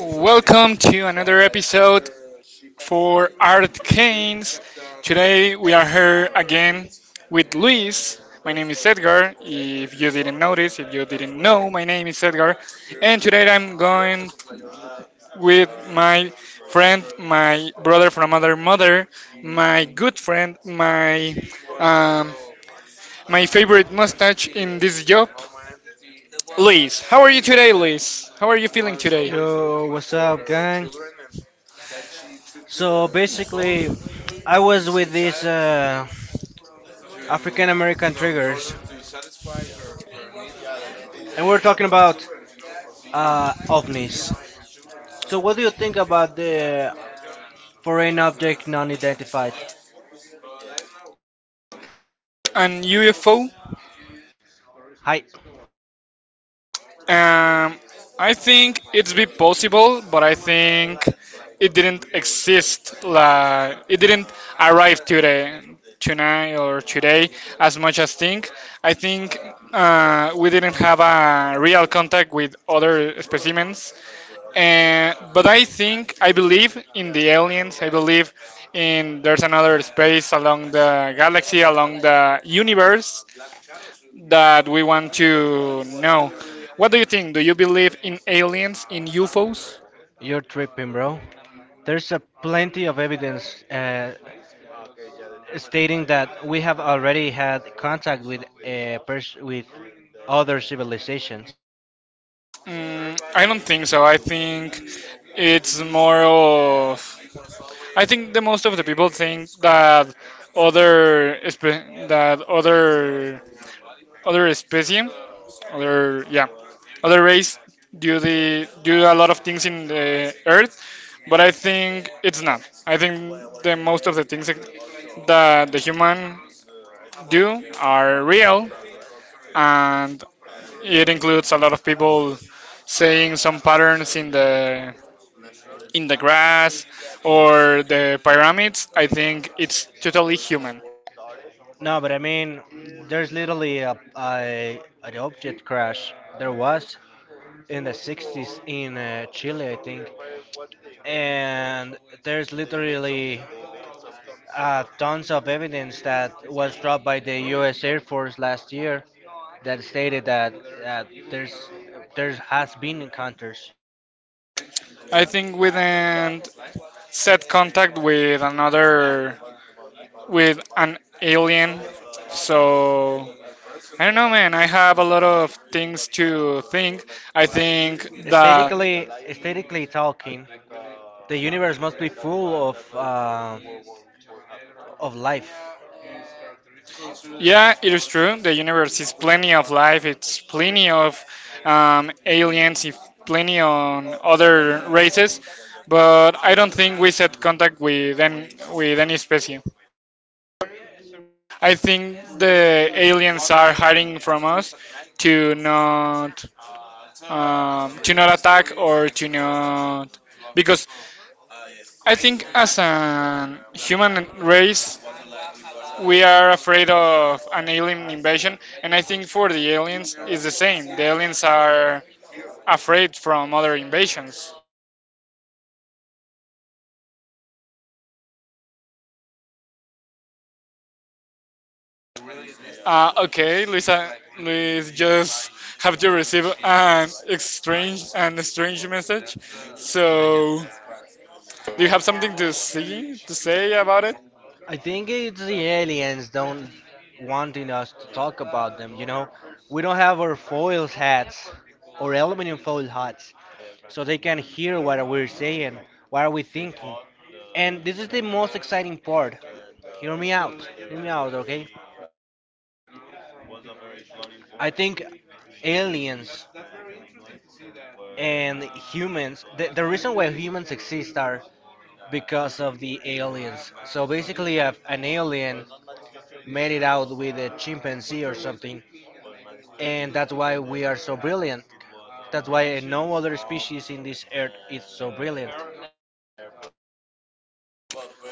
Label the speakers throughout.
Speaker 1: Welcome to another episode for Art Canes. Today we are here again with Luis. My name is Edgar. If you didn't notice, if you didn't know, my name is Edgar. And today I'm going with my friend, my brother from another mother, my good friend, um, my favorite mustache in this job, Luis. How are you today, Luis? How are you feeling today?
Speaker 2: Yo, what's up, gang? So
Speaker 1: So basically,
Speaker 2: basically, I
Speaker 1: I
Speaker 2: was
Speaker 1: was with
Speaker 2: with
Speaker 1: these
Speaker 2: these
Speaker 1: uh, African
Speaker 2: African
Speaker 1: American
Speaker 2: American
Speaker 1: triggers,
Speaker 2: triggers,
Speaker 1: and
Speaker 2: and
Speaker 1: we were
Speaker 2: we're talking
Speaker 1: talking about
Speaker 2: about
Speaker 1: ovnis.
Speaker 2: ovnis. So,
Speaker 1: So
Speaker 2: what
Speaker 1: what
Speaker 2: do you think about
Speaker 1: the
Speaker 2: the foreign
Speaker 1: foreign object
Speaker 2: object non-identified?
Speaker 1: identified? And UFO,
Speaker 2: Hi,
Speaker 1: um, I think it's be possible, but I think it didn't exist. Like it didn't arrive today, tonight or today, as much as think. I think we didn't have a real contact with other specimens, and but I think I believe in the aliens. I believe in there's another space along the galaxy, along the universe that we want to know. What do you think? Do you believe in aliens, in UFOs?
Speaker 2: you're tripping, bro. There's a plenty of evidence stating that we have already had contact with other civilizations.
Speaker 1: Mm, I don't think so. I think it's more of. I think the most of the people think that that other species, other, yeah, other race do a lot of things in the earth. But I think it's not. I think the most of the things that the human do are real, and it includes a lot of people saying some patterns in the grass or the pyramids. I think it's totally human.
Speaker 2: No, but I mean, there's literally a an object crash. There was in the 60s in Chile, I think, and there's literally tons of evidence that was dropped by the U.S. Air Force last year that stated that there has been encounters.
Speaker 1: I think we didn't set contact with another with an alien. So I don't know, man. I have a lot of things to think. I think that.
Speaker 2: Aesthetically talking, the universe must be full of life.
Speaker 1: Yeah, it is true. The universe is plenty of life. It's plenty of aliens. If plenty on other races, but I don't think we set contact with any species. I think the aliens are hiding from us to not to not attack or to not because I think as a human race, we are afraid of an alien invasion, and I think for the aliens it's the same. The aliens are afraid from other invasions. Okay, Lisa, Liz just have to receive an strange message. So, do you have something to say about it?
Speaker 2: I think it's the aliens don't wanting us to talk about them, you know? We don't have our foils hats or aluminum foil hats so they can hear what we're saying, what are we thinking. And this is the most exciting part. Hear me out. Hear me out, okay? I think aliens and humans, the reason why humans exist are because of the aliens. So basically, if an alien made it out with a chimpanzee or something and that's why we are so brilliant. That's why no other species in this earth is so brilliant.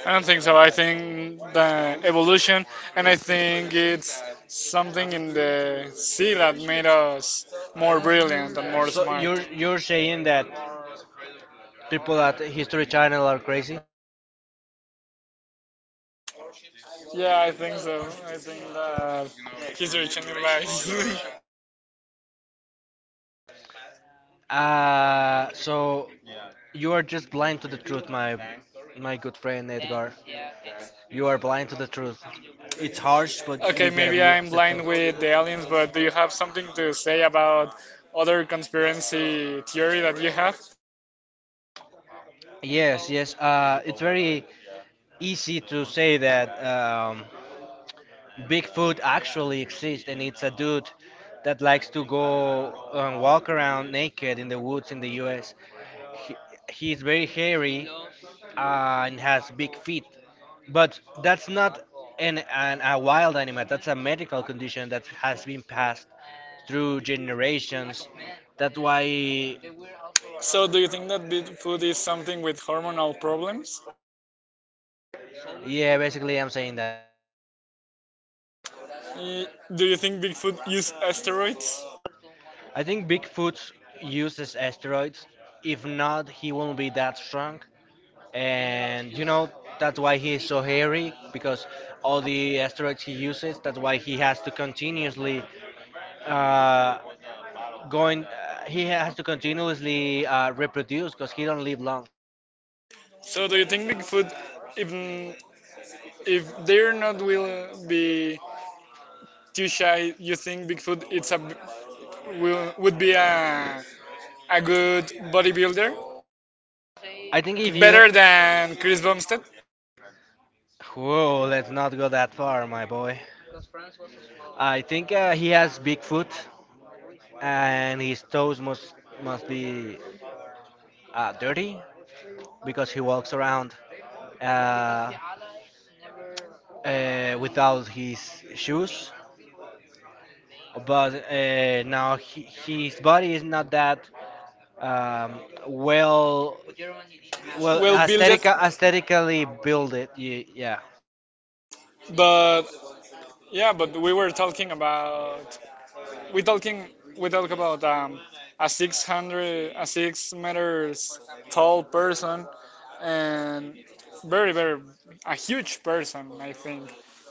Speaker 1: I don't think so. I think that evolution, and I think it's something in the sea that made us more brilliant and more
Speaker 2: So
Speaker 1: smart.
Speaker 2: you're saying that people at History Channel are crazy?
Speaker 1: Yeah, I think so. I think that history changing lives.
Speaker 2: So you are just blind to the truth, my good friend Edgar. You are blind to the truth. It's harsh, but you
Speaker 1: Okay,
Speaker 2: gotta
Speaker 1: maybe
Speaker 2: be
Speaker 1: I'm
Speaker 2: accepting.
Speaker 1: blind with the aliens, but do you have something to say about other conspiracy theory that you have?
Speaker 2: Yes, yes. It's very easy to say that Bigfoot actually exists, and it's a dude that likes to go and walk around naked in the woods in the U.S. He, he's very hairy and has big feet, but that's not an, an a wild animal. That's a medical condition that has been passed through generations. That's why,
Speaker 1: So, do you think that Bigfoot is something with hormonal problems?
Speaker 2: yeah, basically, I'm saying that.
Speaker 1: Y- Do you think Bigfoot use asteroids?
Speaker 2: I think Bigfoot uses asteroids. If not, he won't be that strong. And you know that's why he is so hairy because all the asteroids he uses, that's why he has to continuously uh, going he has to continuously reproduce because he don't live long.
Speaker 1: So do you think Bigfoot, even if they're not will be too shy, you think Bigfoot it's a will, would be a good bodybuilder,
Speaker 2: I think if you
Speaker 1: better than Chris Bumstead?
Speaker 2: Whoa, let's not go that far, my boy. I think he has big foot and his toes must be dirty because he walks around uh, without his shoes, but now he, his body is not that um, well, well
Speaker 1: Well built,
Speaker 2: aesthetic, aesthetically built it, yeah.
Speaker 1: but yeah, but we were talking about we talking we talk about a 600, a 6 meters tall person and very very a huge person. I think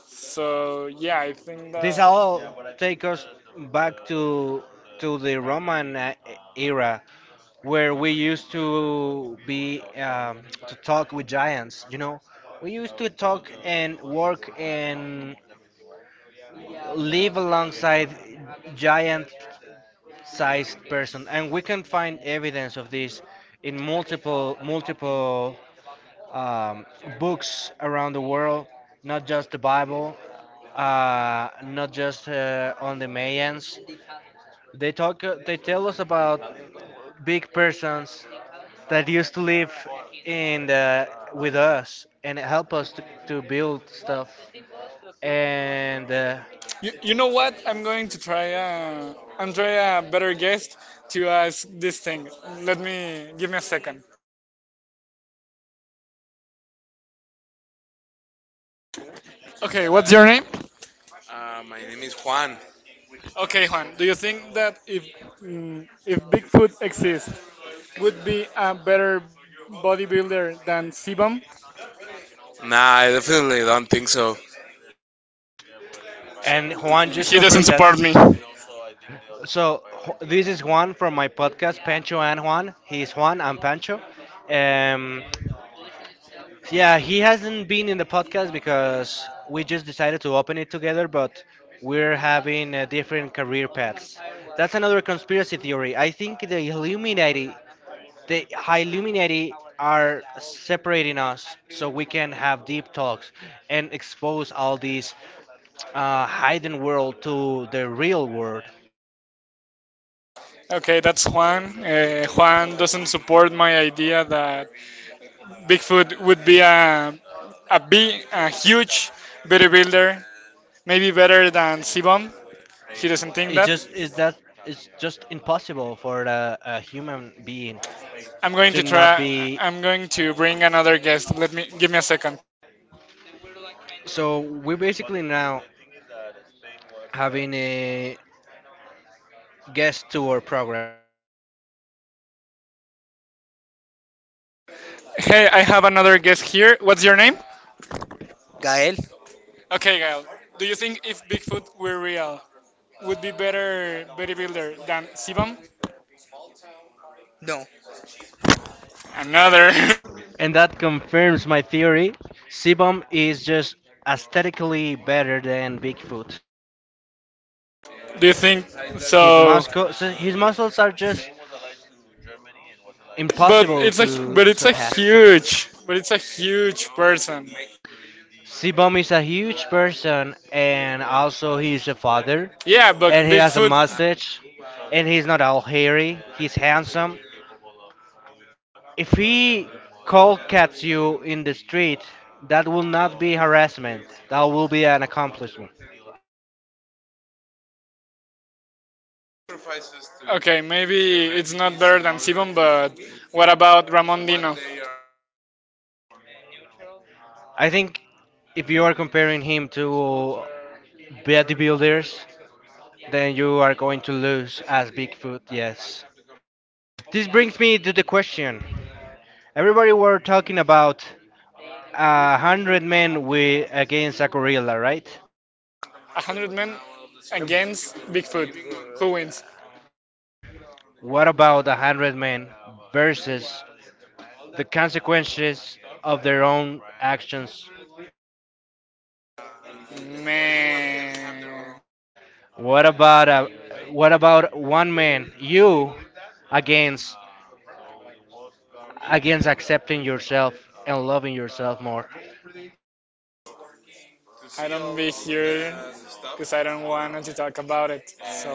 Speaker 1: so. Yeah, I think that.
Speaker 2: This all take us back to the roman era where we used to be to talk with giants, you know, we used to talk and work and live alongside giant sized person, and we can find evidence of this in multiple um, books around the world, not just the bible, not just on the mayans. They talk, they tell us about big persons that used to live in with us and help us to build stuff and uh,
Speaker 1: You know what I'm going I'm trying a better guest to ask this thing. Let me give me a second. Okay, what's your name? My name is Juan. Okay, Juan, do you think that if Bigfoot exists, would be a better bodybuilder than Sebum? Nah, I definitely don't think so.
Speaker 2: and Juan just
Speaker 1: He doesn't
Speaker 2: confirmed that.
Speaker 1: support me.
Speaker 2: So this is Juan from my podcast, Pancho and Juan. He's Juan. I'm Pancho. Um, yeah, he hasn't been in the podcast because we just decided to open it together, but we're having different career paths. That's another conspiracy theory. I think the Illuminati, the Illuminati, are separating us so we can have deep talks and expose all these hidden world to the real world.
Speaker 1: Okay, that's Juan. Juan doesn't support my idea that Bigfoot would be a big, a huge bodybuilder, maybe better than Sebum. He doesn't think
Speaker 2: It's
Speaker 1: that.
Speaker 2: just it's that it's just impossible for a human being
Speaker 1: I'm going
Speaker 2: to
Speaker 1: to
Speaker 2: not
Speaker 1: try.
Speaker 2: be.
Speaker 1: I'm going to bring another guest. Let me Give me a second.
Speaker 2: So we're basically now having a guest to our program,
Speaker 1: Hey, I have another guest here. What's your name? Okay, Gael. Do you think if Bigfoot were real, would be better bodybuilder than Sebum? No. Another.
Speaker 2: and that confirms my theory. Sebum is just aesthetically better than Bigfoot.
Speaker 1: Do you think
Speaker 2: His
Speaker 1: so?
Speaker 2: muscle, so his muscles are just
Speaker 1: But
Speaker 2: impossible
Speaker 1: it's a hu- but
Speaker 2: to
Speaker 1: it's a
Speaker 2: surpass.
Speaker 1: huge but it's a huge person.
Speaker 2: Sibom is a huge person and also he's a father
Speaker 1: Yeah, but
Speaker 2: and he has a
Speaker 1: Bigfoot.
Speaker 2: mustache and he's not all hairy, he's handsome. If he cold cats you in the street, that will not be harassment. That will be an accomplishment.
Speaker 1: Okay, maybe it's not better than Sebum, but what about Ramon Dino?
Speaker 2: I think if you are comparing him to bodybuilders, then you are going to lose as Bigfoot, yes. This brings me to the question. Everybody were talking about a hundred men with against a gorilla, right?
Speaker 1: 100 men against Bigfoot. Who wins?
Speaker 2: What about a hundred men versus the consequences of their own actions?
Speaker 1: Man.
Speaker 2: What about one man, you, against accepting yourself and loving yourself more?
Speaker 1: I don't be here because I don't want to talk about it. So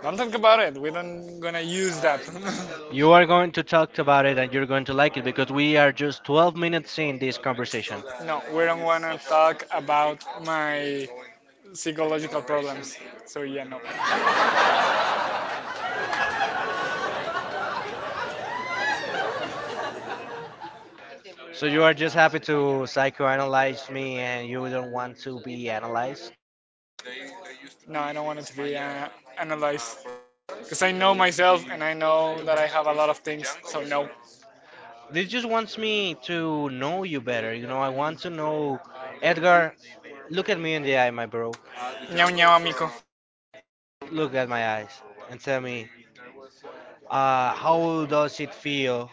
Speaker 1: don't talk about it. We don't gonna use that.
Speaker 2: You are going to talk about it and you're going to like it because we are just 12 minutes in this conversation.
Speaker 1: No, we don't wanna talk about my psychological problems. So yeah, no,
Speaker 2: So you are just happy to psychoanalyze me and you don't want to be analyzed?
Speaker 1: no, I don't want it to be analyzed because I know myself and I know that I have a lot of things. So no,
Speaker 2: This just wants me to know you better. You know, I want to know. Edgar, look at me in the eye, my bro.
Speaker 1: nyao nyao, amigo.
Speaker 2: Look at my eyes and tell me, how does it feel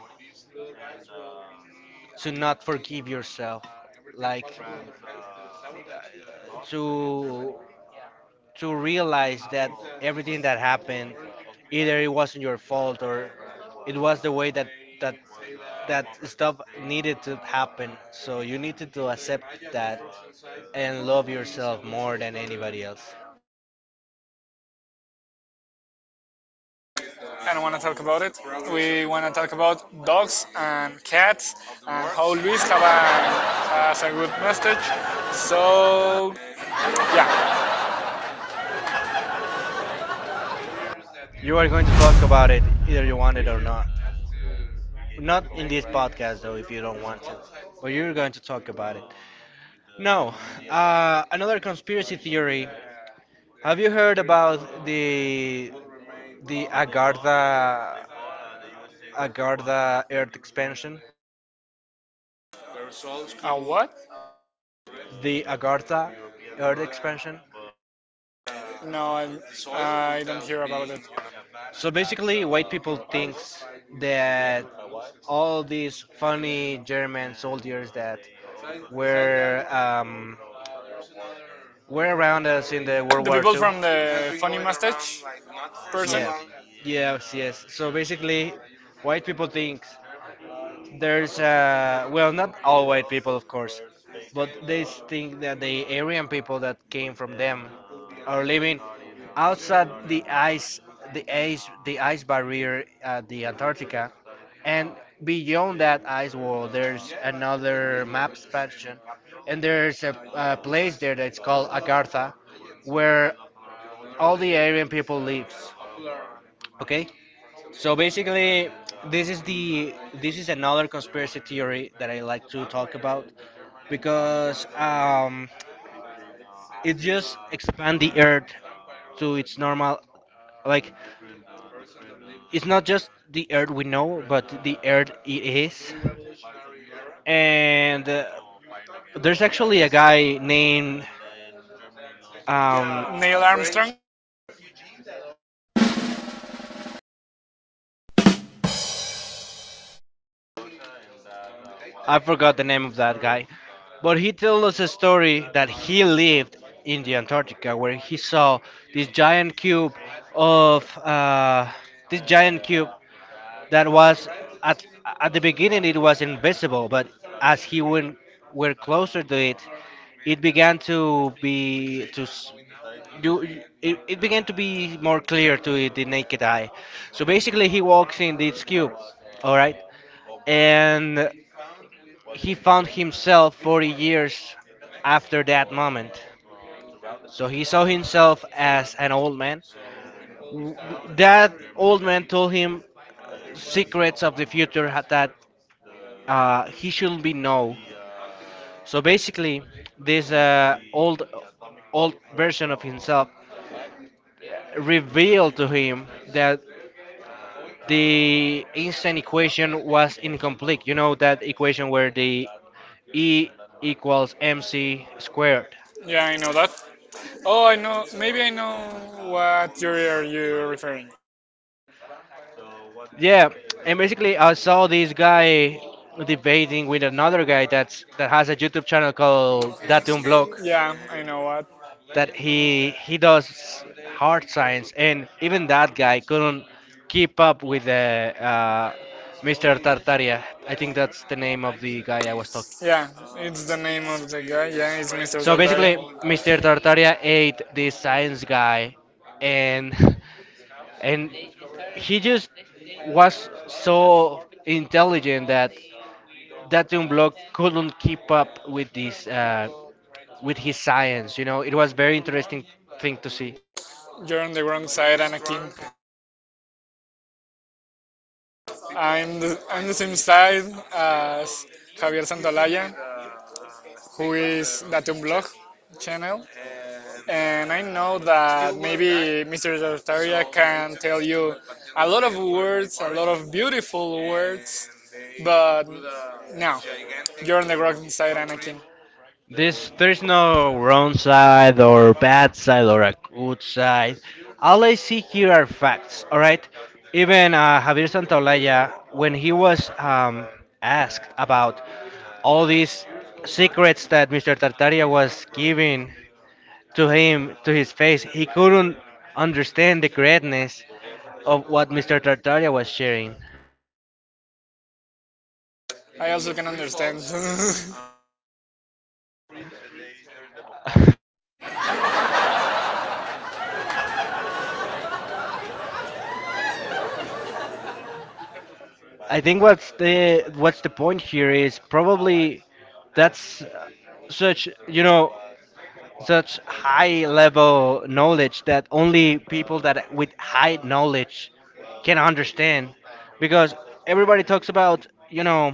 Speaker 2: to not forgive yourself? Like to to realize that everything that happened, either it wasn't your fault or it was the way that that stuff needed to happen. So you needed to accept that and love yourself more than anybody else.
Speaker 1: I don't want to talk about it. We want to talk about dogs and cats and how Luis has a good mustache. So, yeah.
Speaker 2: You are going to talk about it either you want it or not. Not in this podcast, though, if you don't want to. But you're going to talk about it. No, another conspiracy theory. Have you heard about the Agartha, Earth expansion?
Speaker 1: What?
Speaker 2: The Agartha Earth expansion.
Speaker 1: No, I don't hear about it.
Speaker 2: So basically, white people thinks that all these funny German soldiers that were um, were around us in the World
Speaker 1: The
Speaker 2: War
Speaker 1: people
Speaker 2: Two.
Speaker 1: from the funny mustache person,
Speaker 2: Yeah, basically, white people think there's well, not all white people, of course, but they think that the Aryan people that came from them are living outside the ice, the ice barrier at the Antarctica, and beyond that ice wall, there's another map expansion, and there's a place there that's called Agartha, where all the Aryan people lives. Okay. So basically, this is the this is another conspiracy theory that I like to talk about because it just expand the Earth to its normal. Like it's not just the Earth we know, but the Earth it is. And there's actually a guy named um,
Speaker 1: Neil Armstrong.
Speaker 2: I forgot the name of that guy. But he told us a story that he lived in the Antarctica where he saw this giant cube of this giant cube that was at at the beginning it was invisible, but as he went were closer to it, it began to be to s- you, it began to be more clear to the naked eye. So basically, he walks in this cube, all right, and he found himself 40 years after that moment. So he saw himself as an old man. W- That old man told him secrets of the future that he shouldn't be know. So basically, this old version of himself revealed to him that the Einstein equation was incomplete. You know that equation where the E equals mc squared.
Speaker 1: Yeah, I know that. Oh, I know. Maybe I know what you are you referring.
Speaker 2: Yeah, and basically I saw this guy debating with another guy that's that has a YouTube channel called Datum Blog,
Speaker 1: Yeah, I know what.
Speaker 2: that he does hard science, and even that guy couldn't keep up with the Mr. Tartaria. I think that's the name of the guy I was talking.
Speaker 1: Yeah, it's the name of the guy. Yeah, it's Mr.
Speaker 2: So
Speaker 1: Zaldari.
Speaker 2: basically, Mr. Tartaria ate this science guy, and and he just was so intelligent that that young block couldn't keep up with this with his science, you know, it was very interesting thing to see.
Speaker 1: You're on the wrong side, Anakin. I'm the same side as Javier Santolaya, who is Datum Blog channel. And I know that maybe Mr. Tartaria can tell you a lot of words, a lot of beautiful words, but no, you're on the wrong side, Anakin.
Speaker 2: This there's no wrong side or bad side or a good side. All I see here are facts. All right. Even Javier Santaolalla, when he was asked about all these secrets that Mr. Tartaria was giving to him, to his face, he couldn't understand the greatness of what Mr. Tartaria was sharing.
Speaker 1: I also can understand.
Speaker 2: I think what's the point here is probably that's such, you know, such high level knowledge that only people that with high knowledge can understand, because everybody talks about, you know,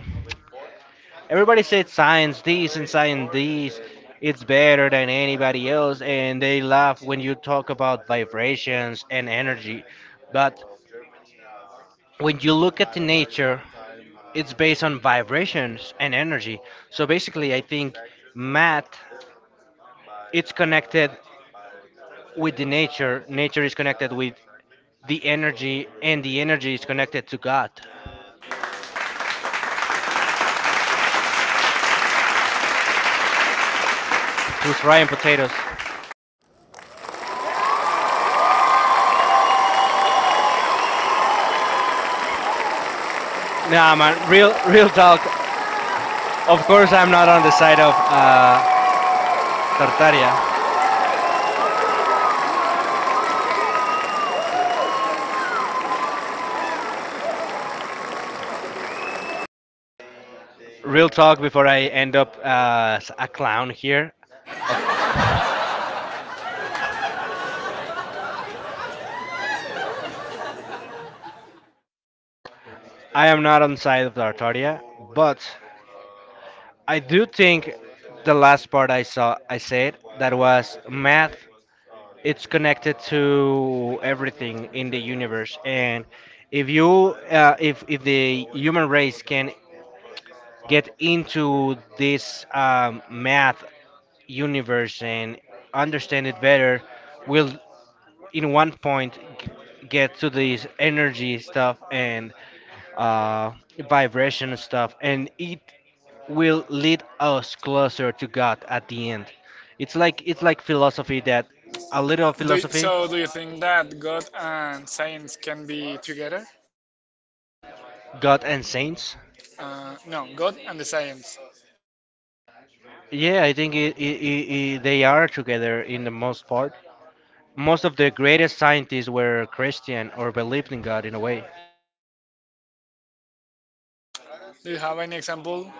Speaker 2: everybody said science this and science this, it's better than anybody else, and they laugh when you talk about vibrations and energy. But when you look at the nature, it's based on vibrations and energy. So basically I think math, it's connected with the nature, nature is connected with the energy, and the energy is connected to god, who's frying potatoes. Nah, man, real talk, of course I'm not on the side of Tartaria. Real talk before I end up as a clown here. Of, I am not on side of Tartaria, but I do think the last part I saw, I said that was math. It's connected to everything in the universe, and if you, if the human race can get into this math universe and understand it better, will in one point get to this energy stuff and uh, vibration stuff, and it will lead us closer to God at the end. It's like philosophy that a little
Speaker 1: do you,
Speaker 2: philosophy,
Speaker 1: so, do you think that God and science can be together?
Speaker 2: God and saints.
Speaker 1: No, God and the science.
Speaker 2: Yeah, I think they are together in the most part. Most of the greatest scientists were Christian or believed in God in a way.
Speaker 1: Do you have any example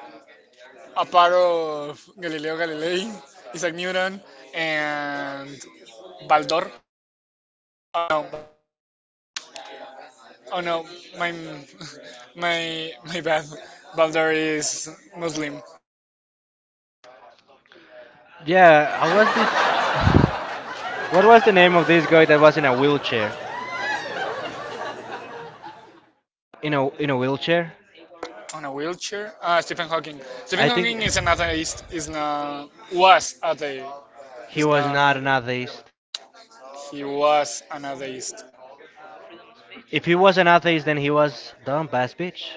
Speaker 1: a part of Galileo Galilei, Isaac Newton, and Baldor. Oh no, oh no, my my bad. Baldor is Muslim
Speaker 2: Yeah, I was this. What was the name of this guy that was in a wheelchair? In a wheelchair.
Speaker 1: on a wheelchair. Stephen Hawking. Stephen
Speaker 2: I think
Speaker 1: Hawking is an atheist. Is not was atheist.
Speaker 2: he
Speaker 1: Is
Speaker 2: was not
Speaker 1: not
Speaker 2: an atheist.
Speaker 1: he was an atheist.
Speaker 2: If he was an atheist, then he was dumb ass bitch.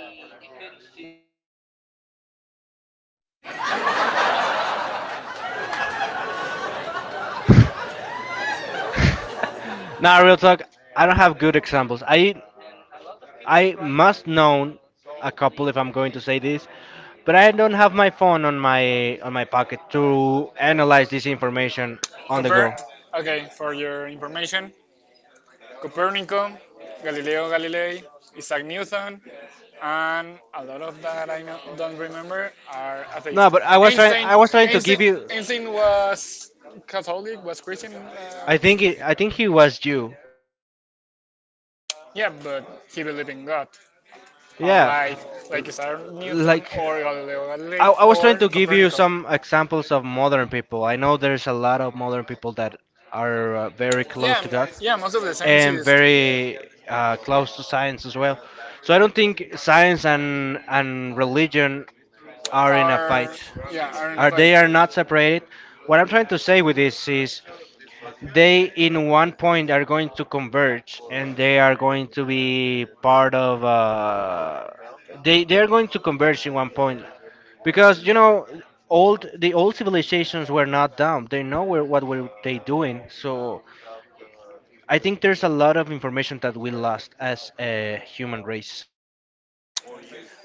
Speaker 2: Nah, real talk. I don't have good examples. I must know a couple if I'm going to say this, but I don't have my phone on my pocket to analyze this information on the
Speaker 1: Coper.
Speaker 2: go.
Speaker 1: Okay, for your information, Copernicus, Galileo Galilei, Isaac Newton, and a lot of that I don't remember are
Speaker 2: No,
Speaker 1: atheists.
Speaker 2: but I was trying.
Speaker 1: Einstein,
Speaker 2: I was trying to
Speaker 1: Einstein,
Speaker 2: give you.
Speaker 1: Einstein was Catholic, was Christian.
Speaker 2: I think he was Jew.
Speaker 1: Yeah, but he believed in God,
Speaker 2: Yeah,
Speaker 1: unlike like Isaac Newton
Speaker 2: like
Speaker 1: or Galileo Galilei,
Speaker 2: I was
Speaker 1: or
Speaker 2: trying to give you some examples of modern people. I know there's a lot of modern people that are very
Speaker 1: yeah,
Speaker 2: close to God
Speaker 1: yeah, most of the
Speaker 2: and
Speaker 1: scientists
Speaker 2: very close to science as well. So I don't think science and religion are in a
Speaker 1: are,
Speaker 2: fight.
Speaker 1: yeah, are not.
Speaker 2: Are they are not separated? What I'm trying to say with this is they in one point are going to converge and they are going to be part of they are going to converge in one point because old the old civilizations were not dumb. They know what were they doing. So I think there's a lot of information that we lost as a human race.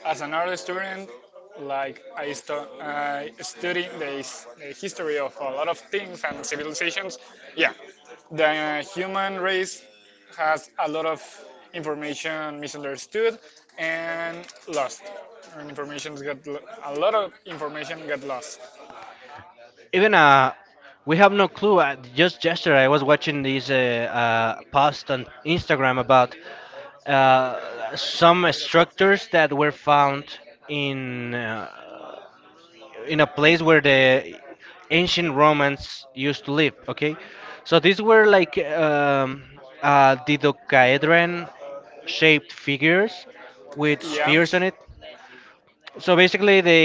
Speaker 1: As an art student, like I study the history of a lot of things and civilizations, yeah, the human race has a lot of information misunderstood and lost. And information got a lot of information got lost.
Speaker 2: Even we have no clue. Just yesterday I was watching this post on Instagram about some structures that were found in uh, in a place where the ancient Romans used to live, okay. So these were like dodecahedron shaped figures with
Speaker 1: Yeah.
Speaker 2: spheres on it. So basically, the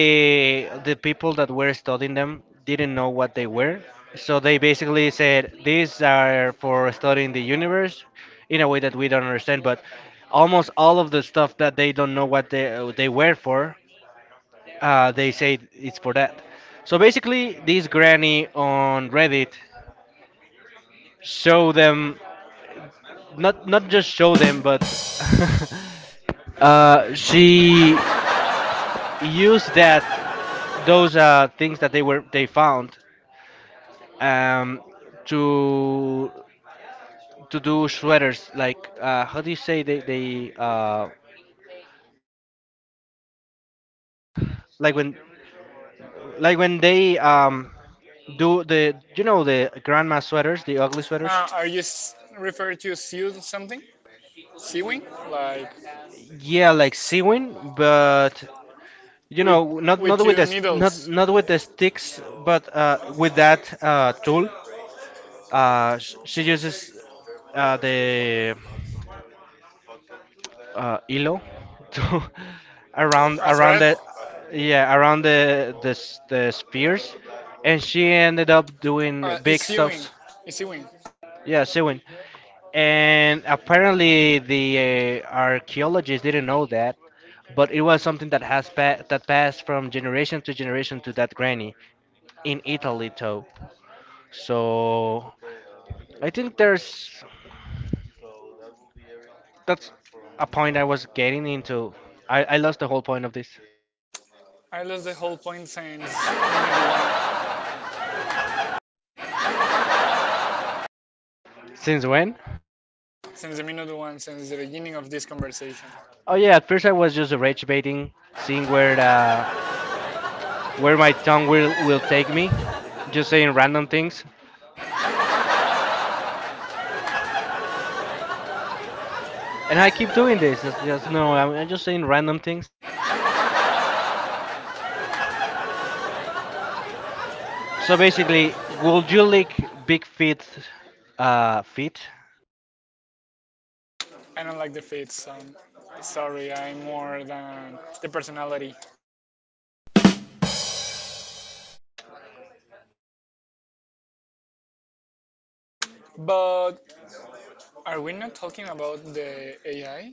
Speaker 2: the people that were studying them didn't know what they were. So they basically said these are for studying the universe in a way that we don't understand. But almost all of the stuff that they don't know what they were for, they say it's for that. So basically, this granny on Reddit show them, not just show them, but she used that those things that they found, um, to to do sweaters, like how do you say, they like when like when they do the you know the grandma sweaters, the ugly sweaters.
Speaker 1: Are you referred to sewing something? Sewing, like
Speaker 2: Yeah, like sewing, but
Speaker 1: with
Speaker 2: not
Speaker 1: not
Speaker 2: not with
Speaker 1: two
Speaker 2: the s- not
Speaker 1: needles.
Speaker 2: not with the sticks, but with that tool. She uses the Ilo to,
Speaker 1: Round
Speaker 2: around
Speaker 1: A
Speaker 2: around
Speaker 1: threat?
Speaker 2: the. Yeah, around the spears, and she ended up doing big
Speaker 1: It's Ewing.
Speaker 2: stuffs.
Speaker 1: It's Ewing.
Speaker 2: Yeah, sewing. And apparently the archaeologists didn't know that, but it was something that that passed from generation to generation to that granny in Italy too. So I think there's that's a point I was getting into. I lost the whole point of this.
Speaker 1: I lost the whole point since minute one,
Speaker 2: Since when?
Speaker 1: since the minute one, since the beginning of this conversation.
Speaker 2: Oh yeah, at first I was just rage baiting, seeing where my tongue will take me, just saying random things, and I keep doing this. Just no, I'm just saying random things. So basically, would you lick big feet? Feet.
Speaker 1: I don't like the fits. Sorry, I'm more than the personality. But are we not talking about the AI?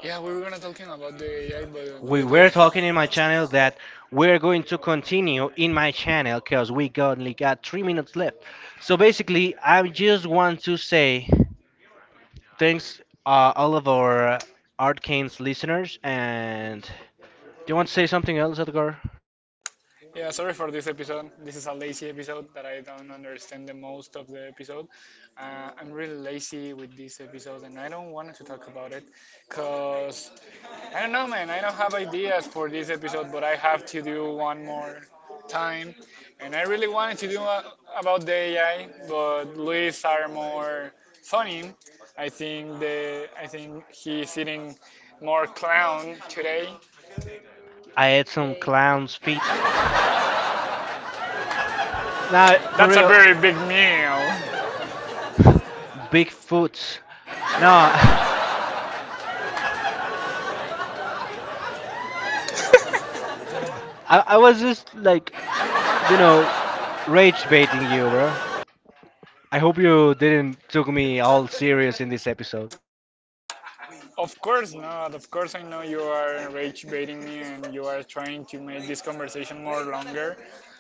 Speaker 1: Yeah, we were gonna talking about the AI, but we
Speaker 2: We
Speaker 1: did. We're
Speaker 2: were
Speaker 1: talking
Speaker 2: talking
Speaker 1: in
Speaker 2: in
Speaker 1: my
Speaker 2: my
Speaker 1: channel.
Speaker 2: channel that we're going to continue in my channel because only got 3 minutes left. So basically, I just want to say thanks all of our Art Canes listeners and. Do you want to say something else, Edgar?
Speaker 1: Yeah, sorry for this episode. This is a lazy episode that I don't understand the most of the episode. I'm really lazy with this episode and I don't want to talk about it because I don't know, man. I don't have ideas for this episode, but I have to do one more time. And I really wanted to do about the AI, but Luis are more funny. I think he's eating more clown today.
Speaker 2: I ate some clown's feet. Nah, for
Speaker 1: That's a
Speaker 2: real,
Speaker 1: very big meal. Big.
Speaker 2: big foots. No, I was just like, you know, rage baiting you, bro. I hope you didn't took me all serious in this episode.
Speaker 1: Of course not. Of course, I know you are rage baiting me and you are trying to make this conversation more longer.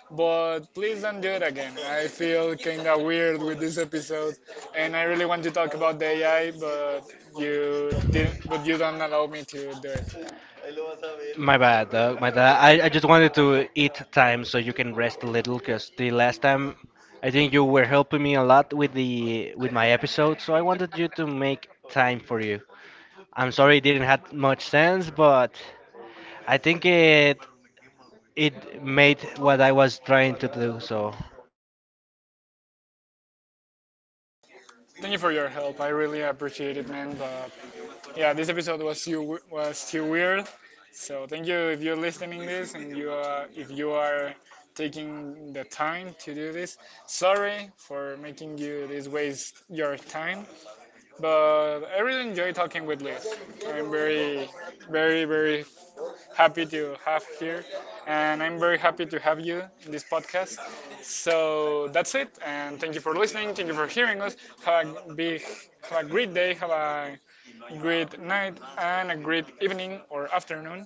Speaker 1: But please don't do it again. I feel kind of weird with this episode, and I really want to talk about the AI, but you didn't, but you don't allow me to do it.
Speaker 2: My bad, dog. My bad. I just wanted to eat time so you can rest a little, cause the last time I think you were helping me a lot with the with my episode, so I wanted you to make time for you. I'm sorry it didn't have much sense, but I think it made what I was trying to do. So,
Speaker 1: Thank you for your help. I really appreciate it, man. But yeah, this episode was you was too weird. So thank you if you're listening this and you are if you are taking the time to do this. Sorry for making you this waste your time, but I really enjoy talking with Liz. I'm very, very, very happy to have here, and I'm very happy to have you in this podcast. So that's it, and thank you for listening. Thank you for hearing us. Have a big, have a great day. Have a great night and a great evening or afternoon.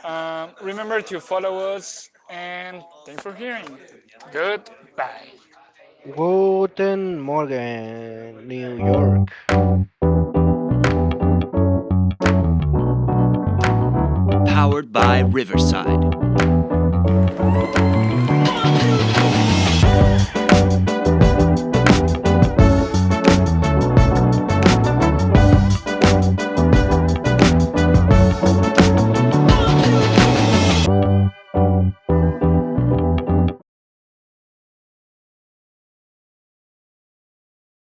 Speaker 1: Remember to follow us, and thanks for hearing. Goodbye.
Speaker 2: guten Morgen, New York.